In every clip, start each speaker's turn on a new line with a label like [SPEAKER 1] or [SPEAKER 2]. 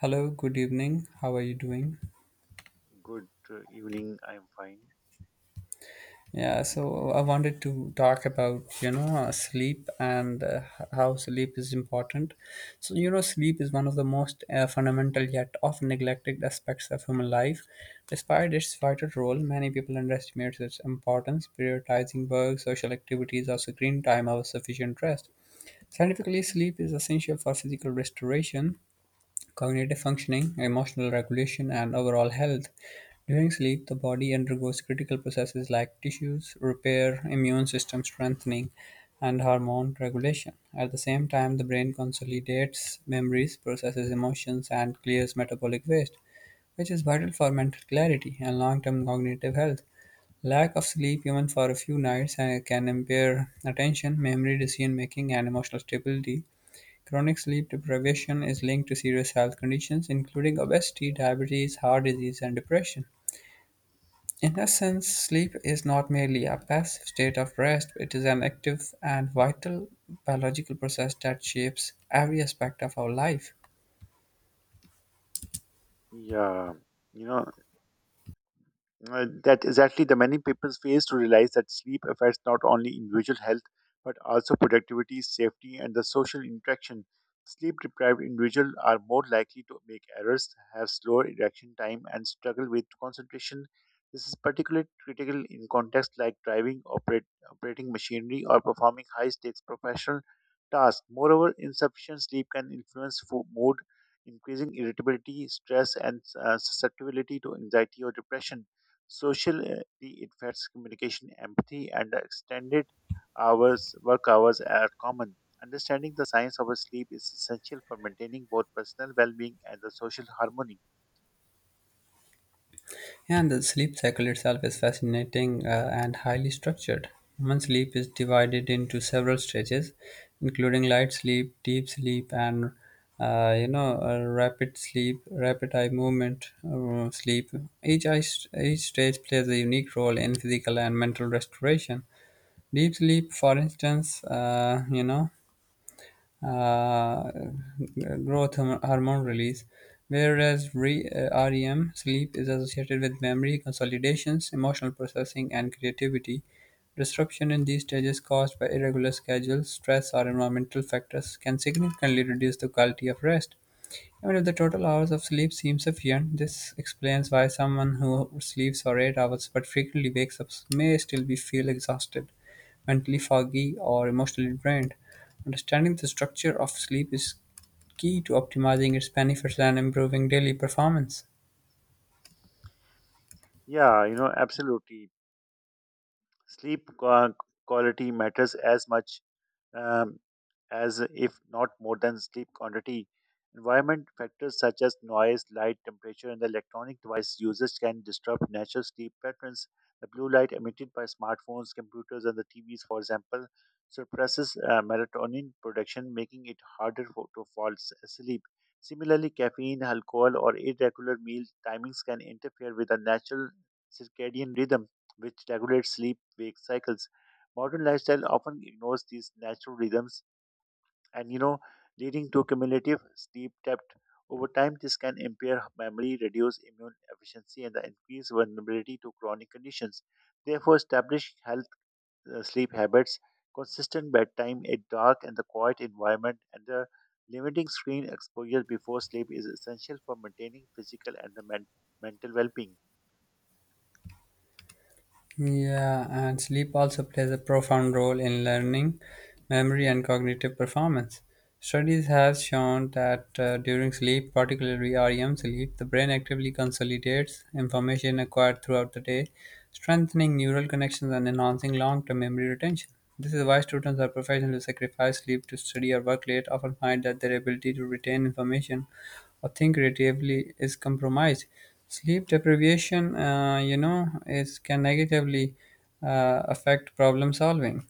[SPEAKER 1] Hello, good evening. How are you doing?
[SPEAKER 2] Good evening. I'm fine.
[SPEAKER 1] Yeah, so I wanted to talk about, sleep and how sleep is important. Sleep is one of the most fundamental yet often neglected aspects of human life. Despite its vital role, many people underestimate its importance, prioritizing work, social activities, or screen time over sufficient rest. Scientifically, sleep is essential for physical restoration, cognitive functioning, emotional regulation, and overall health. During sleep, the body undergoes critical processes like tissues repair, immune system strengthening, and hormone regulation. At the same time, the brain consolidates memories, processes emotions, and clears metabolic waste, which is vital for mental clarity and long term cognitive health. Lack of sleep, even for a few nights, can impair attention, memory, decision making, and emotional stability. Chronic sleep deprivation is linked to serious health conditions including obesity, diabetes, heart disease, and depression. In essence, sleep is not merely a passive state of rest, it is an active and vital biological process that shapes every aspect of our life.
[SPEAKER 2] Yeah, you know, that exactly the many people fail to realize that sleep affects not only individual health but also productivity, safety, and the social interaction. Sleep deprived individuals are more likely to make errors, have slower reaction time, and struggle with concentration. This is particularly critical in contexts like driving, operating machinery, or performing high stakes professional tasks. Moreover, insufficient sleep can influence mood, increasing irritability, stress, and susceptibility to anxiety or depression. Social it affects communication, empathy, and extended hours, work hours are common. Understanding the science of sleep is essential for maintaining both personal well-being and the social harmony.
[SPEAKER 1] And the sleep cycle itself is fascinating and highly structured. Human sleep is divided into several stages, including light sleep, deep sleep, and rapid eye movement sleep. Each eye, each stage plays a unique role in physical and mental restoration. Deep sleep, for instance, uh, growth hormone release, whereas REM sleep is associated with memory consolidations, emotional processing, and creativity. Disruption in these stages caused by irregular schedules, stress, or environmental factors can significantly reduce the quality of rest. Even if the total hours of sleep seem sufficient, this explains why someone who sleeps for 8 hours but frequently wakes up may still be feel exhausted, mentally foggy, or emotionally drained. Understanding the structure of sleep is key to optimizing its benefits and improving daily performance.
[SPEAKER 2] Yeah, you know, absolutely. Sleep quality matters as much um, as if not more than sleep quantity. Environment factors such as noise, light, temperature, and the electronic device usage can disrupt natural sleep patterns. The blue light emitted by smartphones, computers, and the TVs, for example, suppresses melatonin production, making it harder for, to fall asleep. Similarly, caffeine, alcohol, or irregular meal timings can interfere with the natural circadian rhythm, which regulates sleep wake cycles. Modern lifestyle often ignores these natural rhythms and, leading to cumulative sleep debt. Over time, this can impair memory, reduce immune efficiency, and the increase vulnerability to chronic conditions. Therefore, establish health sleep habits, consistent bedtime, a dark and the quiet environment, and the limiting screen exposure before sleep is essential for maintaining physical and the mental well-being.
[SPEAKER 1] Yeah, and sleep also plays a profound role in learning, memory, and cognitive performance. Studies have shown that during sleep, particularly REM sleep, the brain actively consolidates information acquired throughout the day, strengthening neural connections and enhancing long term memory retention. This is why students or professionals who sacrifice sleep to study or work late often find that their ability to retain information or think creatively is compromised. Sleep deprivation, is can negatively affect problem solving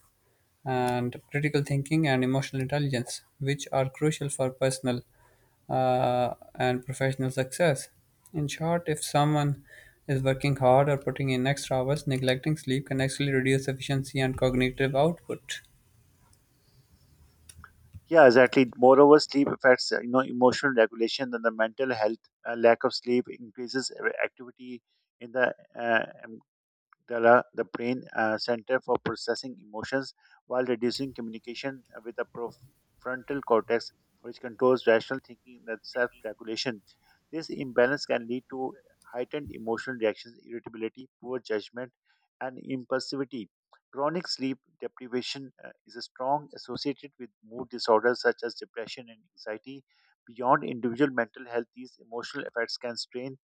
[SPEAKER 1] and critical thinking and emotional intelligence, which are crucial for personal and professional success. In short, if someone is working hard or putting in extra hours, neglecting sleep can actually reduce efficiency and cognitive output.
[SPEAKER 2] Yeah, exactly. Moreover, sleep affects you know emotional regulation and the mental health. Lack of sleep increases activity in the brain center for processing emotions while reducing communication with the prefrontal cortex, which controls rational thinking and self regulation. This imbalance can lead to heightened emotional reactions, irritability, poor judgment, and impulsivity. Chronic sleep deprivation is a strong associated with mood disorders such as depression and anxiety. Beyond individual mental health, these emotional effects can strain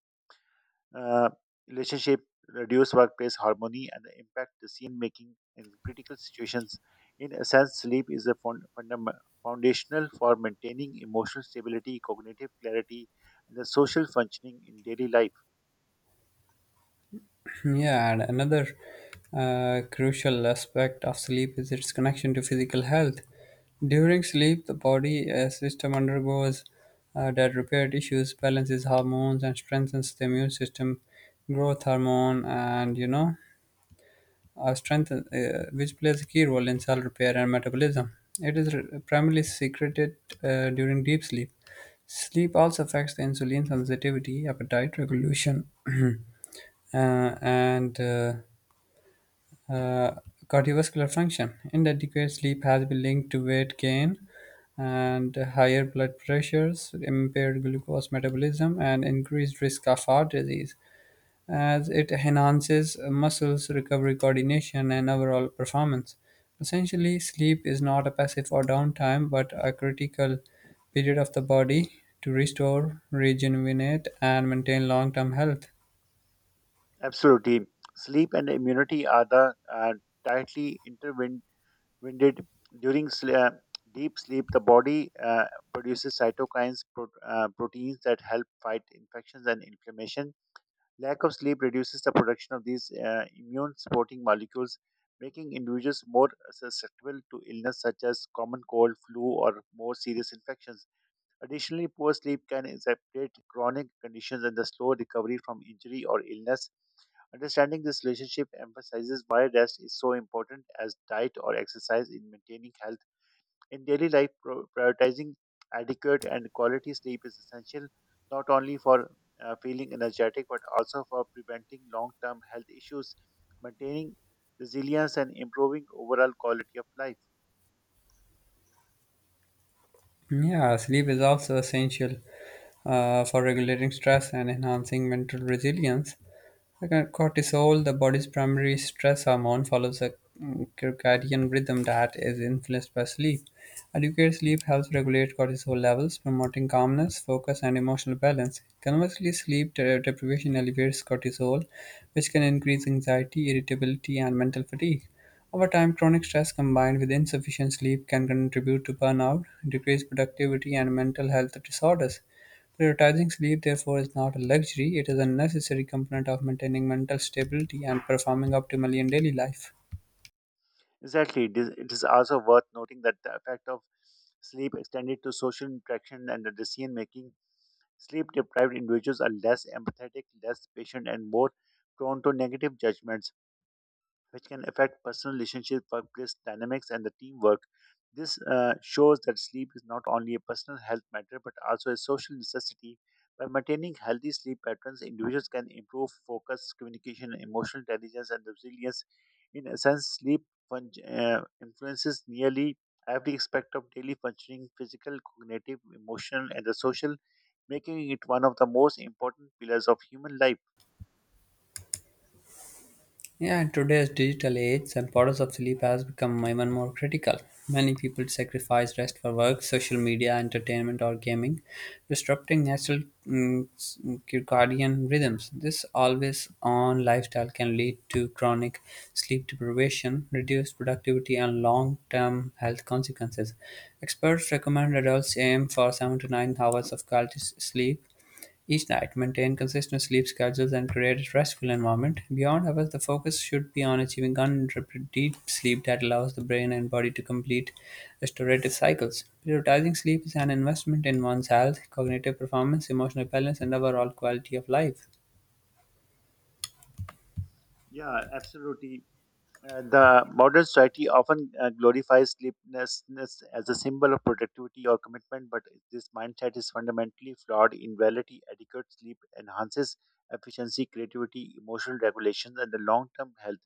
[SPEAKER 2] uh, relationship, reduce workplace harmony, and impact decision making in critical situations. In a sense, sleep is a foundational for maintaining emotional stability, cognitive clarity, and the social functioning in daily life.
[SPEAKER 1] Yeah, and another crucial aspect of sleep is its connection to physical health. During sleep, the body system undergoes that repair tissues, balances hormones, and strengthens the immune system, growth hormone, and strength, which plays a key role in cell repair and metabolism. It is primarily secreted during deep sleep. Sleep also affects the insulin sensitivity, appetite regulation, and uh, cardiovascular function. Inadequate sleep has been linked to weight gain and higher blood pressures, impaired glucose metabolism, and increased risk of heart disease as it enhances muscles, recovery, coordination, and overall performance. Essentially, sleep is not a passive or downtime, but a critical period of the body to restore, rejuvenate, and maintain long term health.
[SPEAKER 2] Absolutely. Sleep and immunity are the tightly intertwined. During deep sleep, the body produces cytokines, proteins that help fight infections and inflammation. Lack of sleep reduces the production of these immune supporting molecules, making individuals more susceptible to illness such as common cold, flu, or more serious infections. Additionally, poor sleep can exacerbate chronic conditions and the slow recovery from injury or illness. Understanding this relationship emphasizes why rest is so important as diet or exercise in maintaining health. In daily life, prioritizing adequate and quality sleep is essential not only for feeling energetic but also for preventing long term health issues, maintaining resilience, and improving overall quality of life.
[SPEAKER 1] Yeah, sleep is also essential for regulating stress and enhancing mental resilience. Cortisol, the body's primary stress hormone, follows a circadian rhythm that is influenced by sleep. Adequate sleep helps regulate cortisol levels, promoting calmness, focus, and emotional balance. Conversely, sleep deprivation elevates cortisol, which can increase anxiety, irritability, and mental fatigue. Over time, chronic stress combined with insufficient sleep can contribute to burnout, decreased productivity, and mental health disorders. Prioritizing sleep, therefore, is not a luxury, it is a necessary component of maintaining mental stability and performing optimally in daily life.
[SPEAKER 2] Exactly. It is also worth noting that the effect of sleep extended to social interaction and the decision making. Sleep deprived individuals are less empathetic, less patient, and more prone to negative judgments, which can affect personal relationships, workplace dynamics, and the teamwork. This shows that sleep is not only a personal health matter but also a social necessity. By maintaining healthy sleep patterns, individuals can improve focus, communication, emotional intelligence, and resilience. In essence, sleep influences nearly every aspect of daily functioning physical, cognitive, emotional, and the social, making it one of the most important pillars of human life.
[SPEAKER 1] Yeah, in today's digital age, the importance of sleep has become even more critical. Many people sacrifice rest for work, social media, entertainment, or gaming, disrupting natural mm, s- circadian rhythms. This always on lifestyle can lead to chronic sleep deprivation, reduced productivity, and long term health consequences. Experts recommend adults aim for 7 to 9 hours of quality sleep each night, maintain consistent sleep schedules and create a restful environment. Beyond hours, the focus should be on achieving uninterrupted deep sleep that allows the brain and body to complete restorative cycles. Prioritizing sleep is an investment in one's health, cognitive performance, emotional balance, and overall quality of life.
[SPEAKER 2] Yeah, absolutely. The modern society often glorifies sleeplessness as a symbol of productivity or commitment, but this mindset is fundamentally flawed. In reality, adequate sleep enhances efficiency, creativity, emotional regulation, and the long-term health.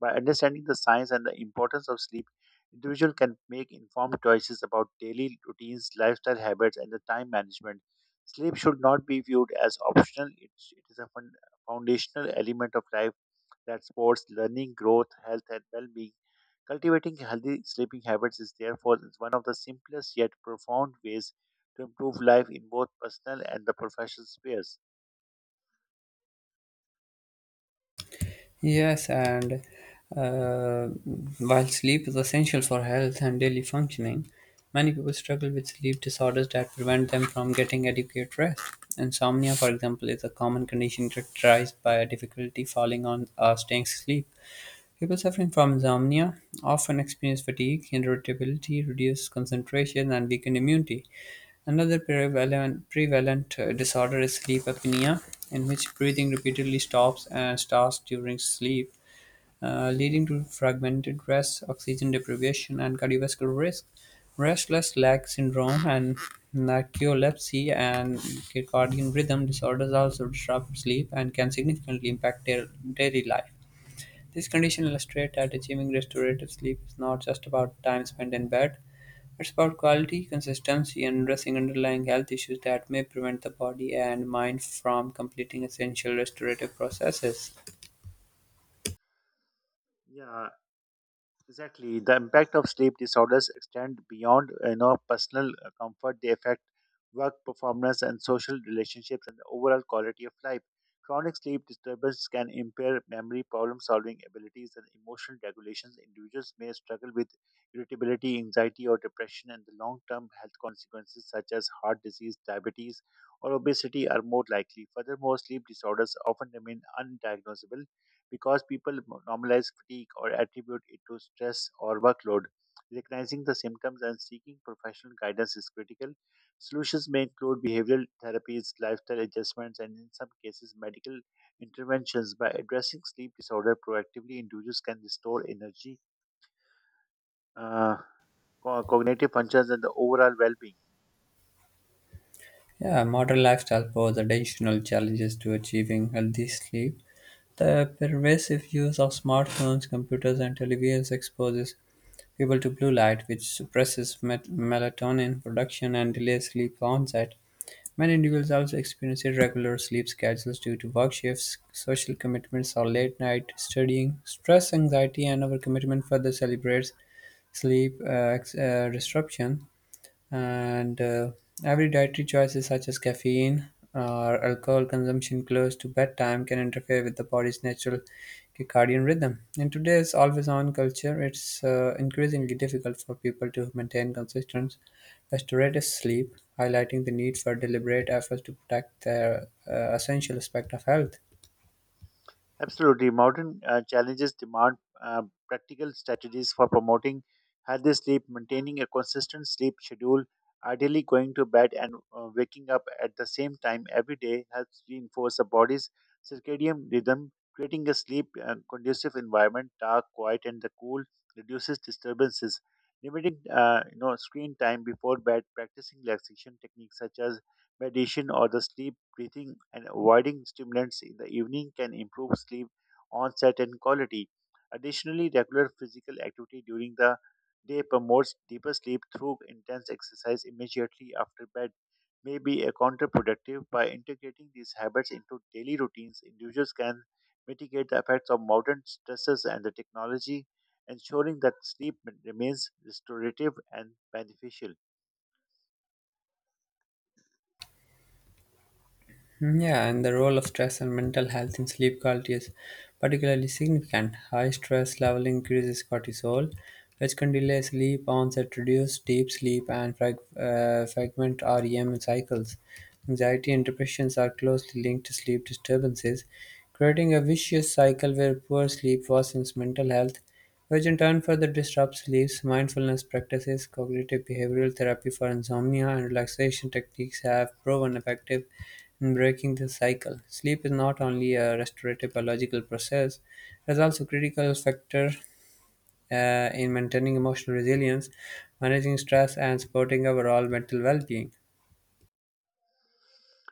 [SPEAKER 2] By understanding the science and the importance of sleep, individual can make informed choices about daily routines, lifestyle habits, and the time management. Sleep should not be viewed as optional; it is a foundational element of life that sports, learning, growth, health, and well being. Cultivating healthy sleeping habits is therefore one of the simplest yet profound ways to improve life in both personal and the professional spheres.
[SPEAKER 1] Yes, and uh, while sleep is essential for health and daily functioning, many people struggle with sleep disorders that prevent them from getting adequate rest. Insomnia, for example, is a common condition characterized by a difficulty falling on or staying asleep. People suffering from insomnia often experience fatigue, irritability, reduced concentration, and weakened immunity. Another prevalent disorder is sleep apnea, in which breathing repeatedly stops and starts during sleep, leading to fragmented rest, oxygen deprivation, and cardiovascular risk. Restless leg syndrome and narcolepsy and circadian rhythm disorders also disrupt sleep and can significantly impact their daily life. This condition illustrates that achieving restorative sleep is not just about time spent in bed, it's about quality, consistency, and addressing underlying health issues that may prevent the body and mind from completing essential restorative processes.
[SPEAKER 2] Yeah, exactly. The impact of sleep disorders extend beyond you know personal comfort. They affect work performance and social relationships and the overall quality of life. Chronic sleep disturbance can impair memory, problem solving abilities, and emotional regulations. Individuals may struggle with irritability, anxiety, or depression, and the long term health consequences such as heart disease, diabetes, or obesity are more likely. Furthermore, sleep disorders often remain undiagnosable because people normalize fatigue or attribute it to stress or workload. Recognizing the symptoms and seeking professional guidance is critical. Solutions may include behavioral therapies, lifestyle adjustments, and in some cases, medical interventions. By addressing sleep disorder proactively, individuals can restore energy, uh, cognitive functions, and the overall well being.
[SPEAKER 1] Yeah, modern lifestyle pose additional challenges to achieving healthy sleep. The pervasive use of smartphones, computers, and televisions exposes people to blue light, which suppresses melatonin production and delays sleep onset. Many individuals also experience irregular sleep schedules due to work shifts, social commitments, or late night studying. Stress, anxiety, and overcommitment further celebrates sleep disruption and every dietary choices such as caffeine or alcohol consumption close to bedtime can interfere with the body's natural circadian rhythm. In today's always-on culture, it's increasingly difficult for people to maintain consistent restorative sleep, highlighting the need for deliberate efforts to protect their essential aspect of health.
[SPEAKER 2] Absolutely. Modern challenges demand uh, practical strategies for promoting healthy sleep, maintaining a consistent sleep schedule, ideally going to bed and waking up at the same time every day helps reinforce the body's circadian rhythm, creating a sleep conducive environment, dark, quiet, and the cool reduces disturbances. Limiting screen time before bed, practicing relaxation techniques such as meditation, or the sleep breathing, and avoiding stimulants in the evening can improve sleep onset and quality. Additionally, regular physical activity during the day promotes deeper sleep through intense exercise immediately after bed may be a counterproductive by integrating these habits into daily routines individuals can mitigate the effects of modern stresses and the technology ensuring that sleep remains restorative and beneficial.
[SPEAKER 1] Yeah, and the role of stress and mental health in sleep quality is particularly significant. High stress level increases cortisol, which can delay sleep onset, reduce deep sleep, and fragment REM cycles. Anxiety and depressions are closely linked to sleep disturbances, creating a vicious cycle where poor sleep worsens mental health, which in turn further disrupts sleep. Mindfulness practices, cognitive behavioral therapy for insomnia, and relaxation techniques have proven effective breaking the cycle. Sleep is not only a restorative biological process, it is also a critical factor in maintaining emotional resilience, managing stress, and supporting overall mental well being.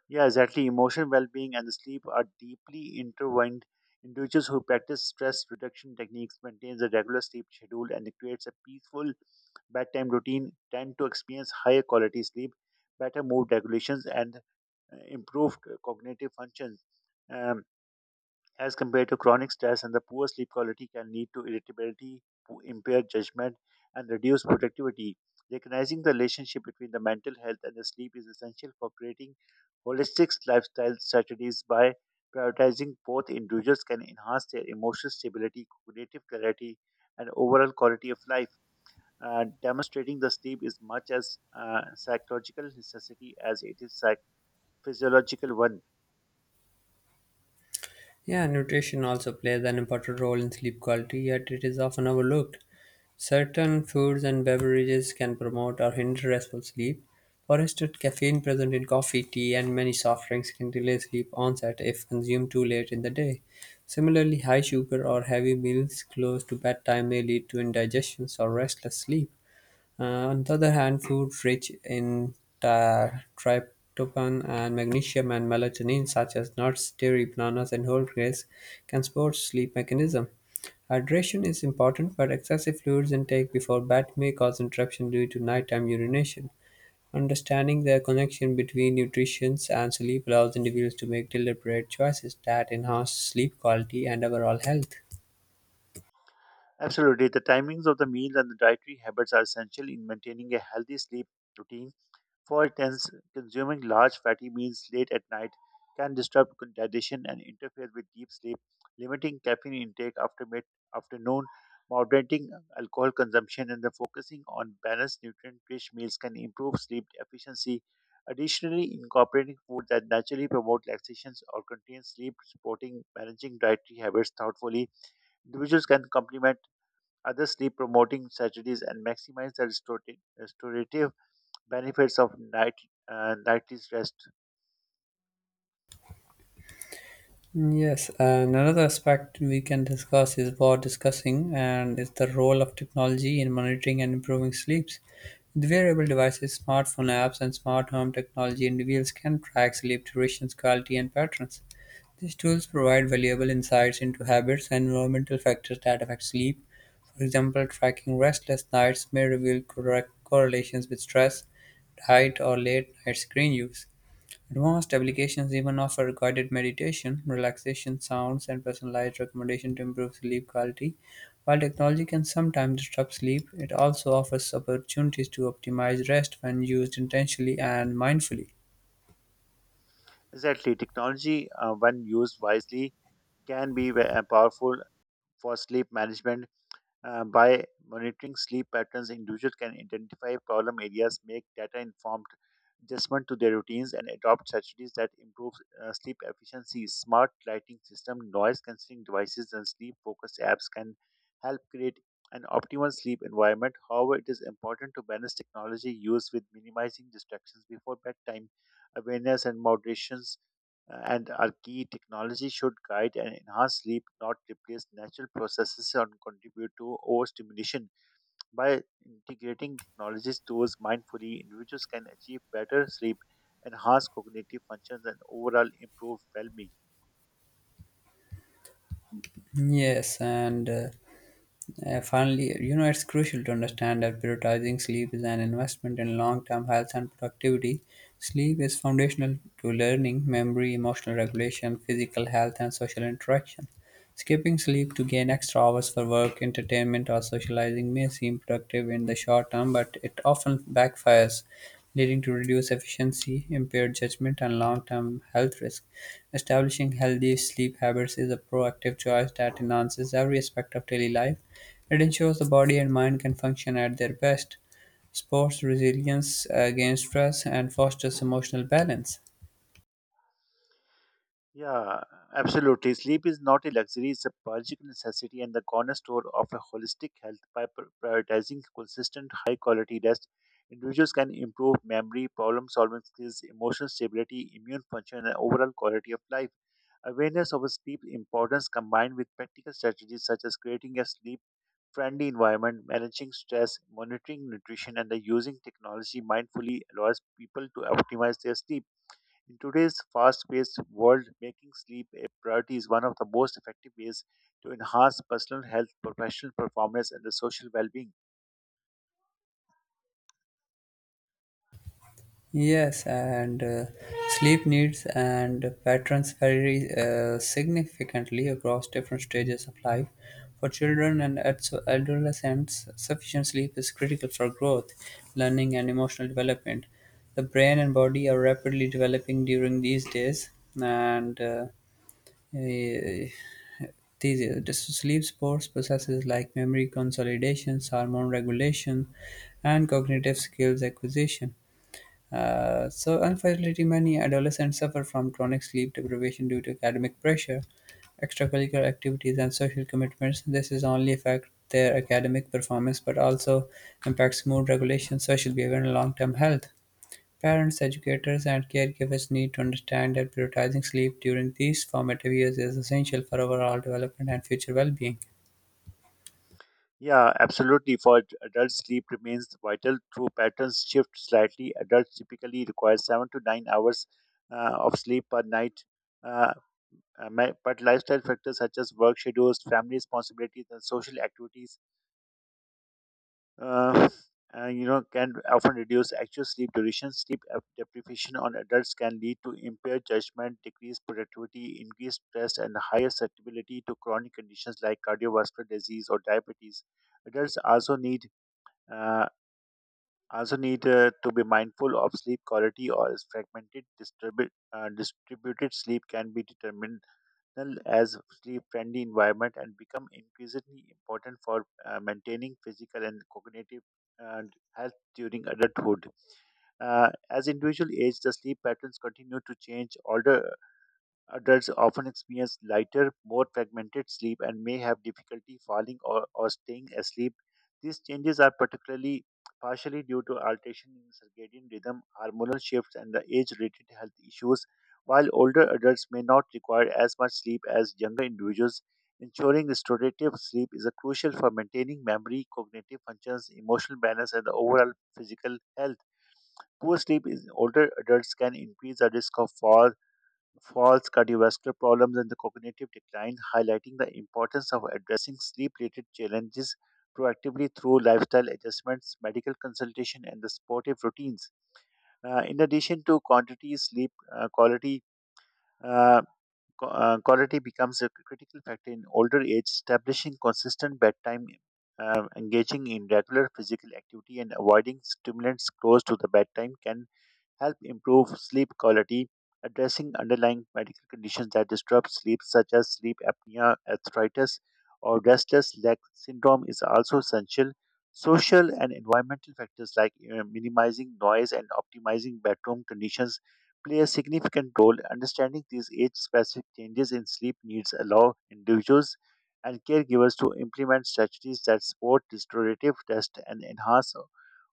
[SPEAKER 2] Yeah, exactly. Emotional well being and sleep are deeply intertwined. Individuals who practice stress reduction techniques maintain a regular sleep schedule and it creates a peaceful bedtime routine tend to experience higher quality sleep, better mood regulations, and improved cognitive functions. Um, as compared to chronic stress and the poor sleep quality can lead to irritability, impaired judgment, and reduced productivity. Recognizing the relationship between the mental health and the sleep is essential for creating holistic lifestyle strategies by prioritizing both individuals can enhance their emotional stability, cognitive clarity, and overall quality of life. Demonstrating the sleep is much as psychological necessity as it is physiological one.
[SPEAKER 1] Yeah, nutrition also plays an important role in sleep quality, yet it is often overlooked. Certain foods and beverages can promote or hinder restful sleep. For instance, caffeine present in coffee, tea, and many soft drinks can delay sleep onset if consumed too late in the day. Similarly, high sugar or heavy meals close to bedtime may lead to indigestion or restless sleep. Uh, on the other hand, foods rich in ti- tryptophan and magnesium and melatonin, such as nuts, dairy, bananas, and whole grains, can support sleep mechanism. Hydration is important, but excessive fluids intake before bed may cause interruption due to nighttime urination. Understanding the connection between nutrition and sleep allows individuals to make deliberate choices that enhance sleep quality and overall health.
[SPEAKER 2] Absolutely. The timings of the meals and the dietary habits are essential in maintaining a healthy sleep routine. For instance, consuming large fatty meals late at night can disrupt digestion and interfere with deep sleep. Limiting caffeine intake after mid afternoon, moderating alcohol consumption, and the focusing on balanced nutrient rich meals can improve sleep efficiency. Additionally, incorporating food that naturally promote relaxations or contain sleep, supporting managing dietary habits thoughtfully. Individuals can complement others sleep promoting strategies and maximize the restorative benefits of nightly rest.
[SPEAKER 1] Yes, and another aspect we can discuss is what discussing and is the role of technology in monitoring and improving sleeps. With wearable devices, smartphone apps, and smart home technology, individuals can track sleep durations, quality, and patterns. These tools provide valuable insights into habits and environmental factors that affect sleep. For example, tracking restless nights may reveal correct correlations with stress, diet, or late night screen use. Advanced applications even offer guided meditation, relaxation sounds, and personalized recommendations to improve sleep quality. While technology can sometimes disrupt sleep, it also offers opportunities to optimize rest when used intentionally and mindfully.
[SPEAKER 2] Exactly, technology when used wisely can be powerful for sleep management. By monitoring sleep patterns, individuals can identify problem areas, make data informed adjustment to their routines, and adopt strategies that improve sleep efficiency. Smart lighting system, noise cancelling devices, and sleep focused apps can help create an optimal sleep environment. However, it is important to balance technology use with minimizing distractions before bedtime. Awareness and moderation and are key. Technology should guide and enhance sleep, not replace natural processes and contribute to overstimulation. By integrating technologies tools mindfully, individuals can achieve better sleep, enhance cognitive functions, and overall improve well being.
[SPEAKER 1] Yes, and Finally, it's crucial to understand that prioritizing sleep is an investment in long term health and productivity. Sleep is foundational to learning, memory, emotional regulation, physical health, and social interaction. Skipping sleep to gain extra hours for work, entertainment, or socializing may seem productive in the short term, but it often backfires, leading to reduced efficiency, impaired judgment, and long term health risk. Establishing healthy sleep habits is a proactive choice that enhances every aspect of daily life it ensures the body and mind can function at their best, supports resilience against stress, and fosters emotional balance.
[SPEAKER 2] Yeah, absolutely. Sleep is not a luxury, it's a biological necessity and the cornerstone of a holistic health. By prioritizing consistent, high quality rest, individuals can improve memory, problem solving skills, emotional stability, immune function, and overall quality of life. Awareness of sleep importance combined with practical strategies such as creating a sleep friendly environment, managing stress, monitoring nutrition, and the using technology mindfully allows people to optimize their sleep. In today's fast paced world, making sleep a priority is one of the most effective ways to enhance personal health, professional performance, and the social well being.
[SPEAKER 1] Yes, and Sleep needs and patterns vary significantly across different stages of life. For children and adolescents, sufficient sleep is critical for growth, learning, and emotional development. The brain and body are rapidly developing during these days, and Eh, these this sleep sports processes like memory consolidation, hormone regulation, and cognitive skills acquisition. So, unfortunately, many adolescents suffer from chronic sleep deprivation due to academic pressure, extracurricular activities, and social commitments. This is only affect their academic performance, but also impacts mood regulation, social behavior, and long-term health. Parents, educators, and caregivers need to understand that prioritizing sleep during these formative years is essential for overall development and future well-being.
[SPEAKER 2] Yeah, absolutely. For adults, sleep remains vital. Through patterns shift slightly, adults typically require 7 to 9 hours of sleep per night. Uh, but lifestyle factors such as work schedules, family responsibilities, and social activities uh, and, you know can often reduce actual sleep duration. Deprivation on adults can lead to impaired judgment, decreased productivity, increased stress, and higher susceptibility to chronic conditions like cardiovascular disease or diabetes. Adults uh, also need to be mindful of sleep quality or as fragmented distributed sleep can be determined as sleep-friendly environment and become increasingly important for maintaining physical and cognitive and health during adulthood. As individual age, the sleep patterns continue to change. Older adults often experience lighter, more fragmented sleep and may have difficulty falling or staying asleep. These changes are particularly partially due to alteration in circadian rhythm, hormonal shifts, and the age-related health issues, while older adults may not require as much sleep as younger individuals. Ensuring restorative sleep is a crucial for maintaining memory, cognitive functions, emotional balance, and the overall physical health. Poor sleep in older adults can increase the risk of falls, cardiovascular problems, and the cognitive decline, highlighting the importance of addressing sleep related challenges proactively through lifestyle adjustments, medical consultation, and the supportive routines. In addition to quantity, sleep quality. Uh, Quality becomes a critical factor in older age, establishing consistent bedtime, engaging in regular physical activity, and avoiding stimulants close to the bedtime can help improve sleep quality, addressing underlying medical conditions that disrupt sleep, such as sleep apnea, arthritis, or restless leg syndrome, is also essential. Social and environmental factors like minimizing noise and optimizing bedroom conditions play a significant role. Understanding these age specific changes in sleep needs allow individuals and caregivers to implement strategies that support restorative rest and enhance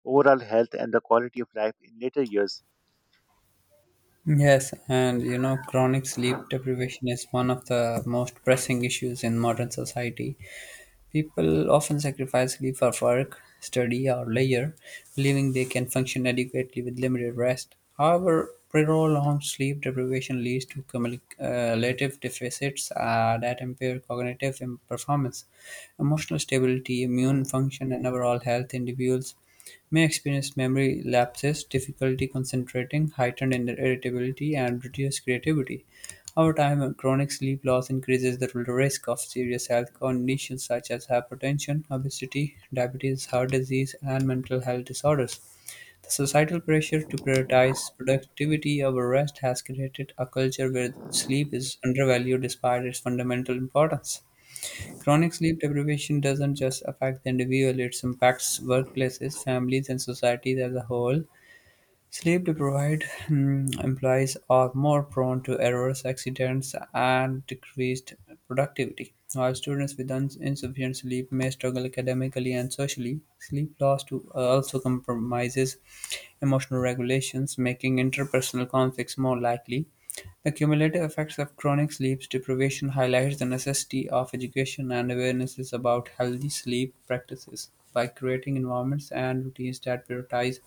[SPEAKER 2] overall health and the quality of life in later years.
[SPEAKER 1] Yes, and you know, chronic sleep deprivation is one of the most pressing issues in modern society. People often sacrifice sleep for work, study, or leisure, believing they can function adequately with limited rest. However, prolonged sleep deprivation leads to cumulative deficits that impair performance, emotional stability, immune function, and overall health. Individuals may experience memory lapses, difficulty concentrating, heightened irritability, and reduced creativity. Over time, chronic sleep loss increases the risk of serious health conditions such as hypertension, obesity, diabetes, heart disease, and mental health disorders. The societal pressure to prioritize productivity over rest has created a culture where sleep is undervalued despite its fundamental importance. Chronic sleep deprivation doesn't just affect the individual, it impacts workplaces, families, and societies as a whole. Sleep deprived employees are more prone to errors, accidents, and decreased productivity. While students with insufficient sleep may struggle academically and socially, sleep loss to, also compromises emotional regulations, making interpersonal conflicts more likely. The cumulative effects of chronic sleep deprivation highlights the necessity of education and awarenesses about healthy sleep practices by creating environments and routines that prioritize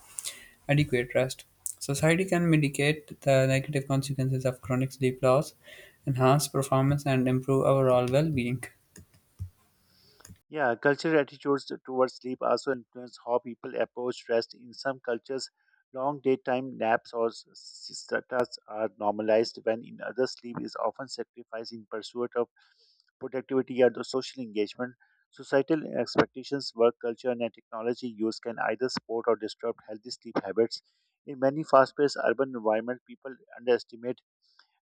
[SPEAKER 1] adequate rest. Society can mitigate the negative consequences of chronic sleep loss, enhance performance, and improve overall well being.
[SPEAKER 2] Yeah, cultural attitudes towards sleep also influence how people approach rest. In some cultures, long daytime naps or siestas are normalized, when in others, sleep is often sacrificed in pursuit of productivity or the social engagement. Societal expectations, work culture, and technology use can either support or disrupt healthy sleep habits. In many fast paced urban environments, people underestimate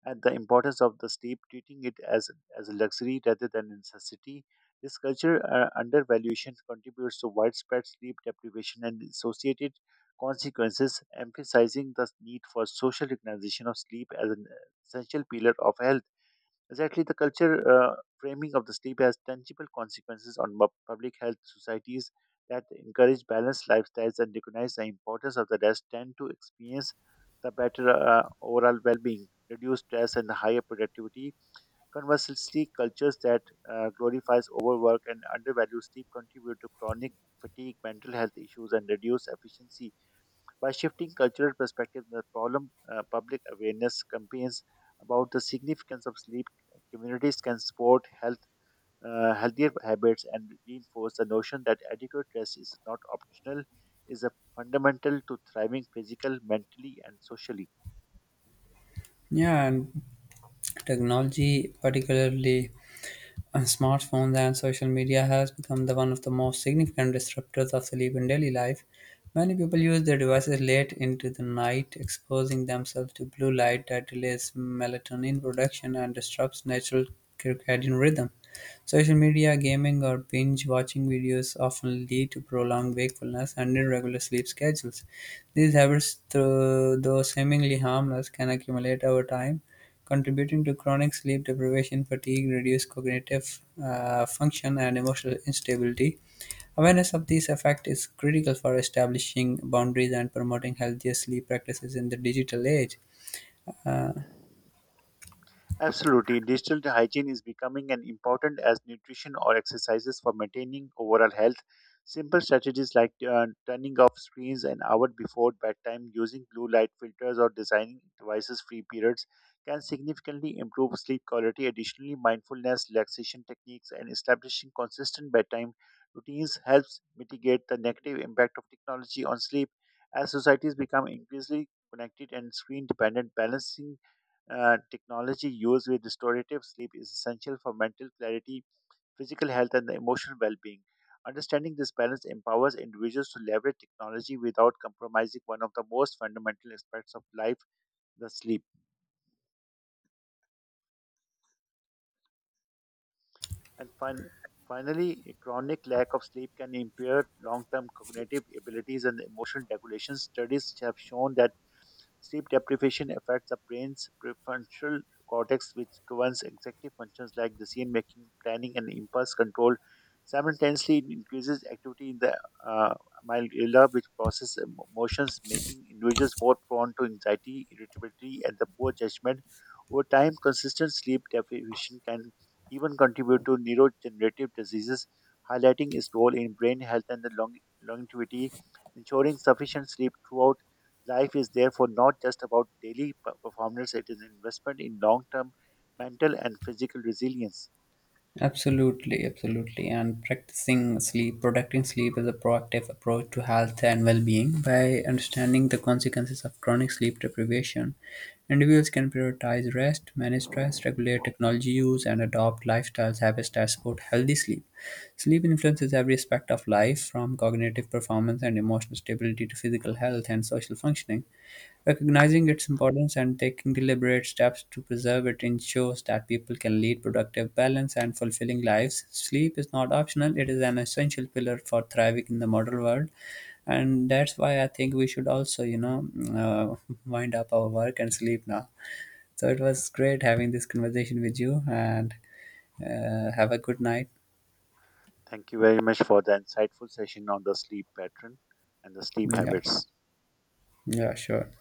[SPEAKER 2] and the importance of the sleep, treating it as a luxury rather than a necessity. This culture undervaluation contributes to widespread sleep deprivation and associated consequences, emphasizing the need for social recognition of sleep as an essential pillar of health. Exactly, the culture framing of the sleep has tangible consequences on public health societies that encourage balanced lifestyles and recognize the importance of the rest tend to experience the better overall well-being, reduced stress, and higher productivity. Conversely, cultures that glorifies overwork and undervalue sleep contribute to chronic fatigue, mental health issues, and reduced efficiency. By shifting cultural perspective, the problem public awareness campaigns about the significance of sleep, communities can support healthier habits and reinforce the notion that adequate rest is not optional, is a fundamental to thriving physically, mentally, and socially.
[SPEAKER 1] Yeah, and technology, particularly A Smartphones and social media has become the one of the most significant disruptors of sleep in daily life. Many people use their devices late into the night, exposing themselves to blue light that delays melatonin production and disrupts natural circadian rhythm. Social media, gaming, or binge watching videos often lead to prolonged wakefulness and irregular sleep schedules. These habits, though seemingly harmless, can accumulate over time contributing to chronic sleep deprivation, fatigue, reduced cognitive function, and emotional instability. Awareness of these effects is critical for establishing boundaries and promoting healthier sleep practices in the digital age. Uh,
[SPEAKER 2] Absolutely, digital hygiene is becoming an important as nutrition or exercises for maintaining overall health. Simple strategies like turning off screens an hour before bedtime, using blue light filters, or designing devices-free periods can significantly improve sleep quality. Additionally, mindfulness, relaxation techniques, and establishing consistent bedtime routines helps mitigate the negative impact of technology on sleep. As societies become increasingly connected and screen-dependent, balancing technology used with restorative sleep is essential for mental clarity, physical health, and the emotional well being. Understanding this balance empowers individuals to leverage technology without compromising one of the most fundamental aspects of life, the sleep. And fin- Finally, a chronic lack of sleep can impair long term cognitive abilities and emotional regulation. Studies have shown that sleep deprivation affects the brain's prefrontal cortex, which governs executive functions like decision making, planning, and impulse control. Simultaneously, it increases activity in the uh, amygdala, which processes emotions, making individuals more prone to anxiety, irritability, and the poor judgment. Over time, consistent sleep deprivation can even contribute to neurodegenerative diseases, highlighting its role in brain health and the longevity. Ensuring sufficient sleep throughout life is therefore not just about daily performance, it is an investment in long term mental and physical resilience.
[SPEAKER 1] Absolutely, absolutely. And practicing sleep, protecting sleep is a proactive approach to health and well being. By understanding the consequences of chronic sleep deprivation, individuals can prioritize rest, manage stress, regulate technology use, and adopt lifestyles habits that support healthy sleep. Sleep influences every aspect of life, from cognitive performance and emotional stability to physical health and social functioning. Recognizing its importance and taking deliberate steps to preserve it ensures that people can lead productive, balanced, and fulfilling lives. Sleep is not optional, it is an essential pillar for thriving in the modern world. And that's why I think we should also, you know, wind up our work and sleep now. So it was great having this conversation with you and have a good night.
[SPEAKER 2] Thank you very much for the insightful session on the sleep pattern and the sleep
[SPEAKER 1] Yeah,
[SPEAKER 2] habits.
[SPEAKER 1] yeah, sure.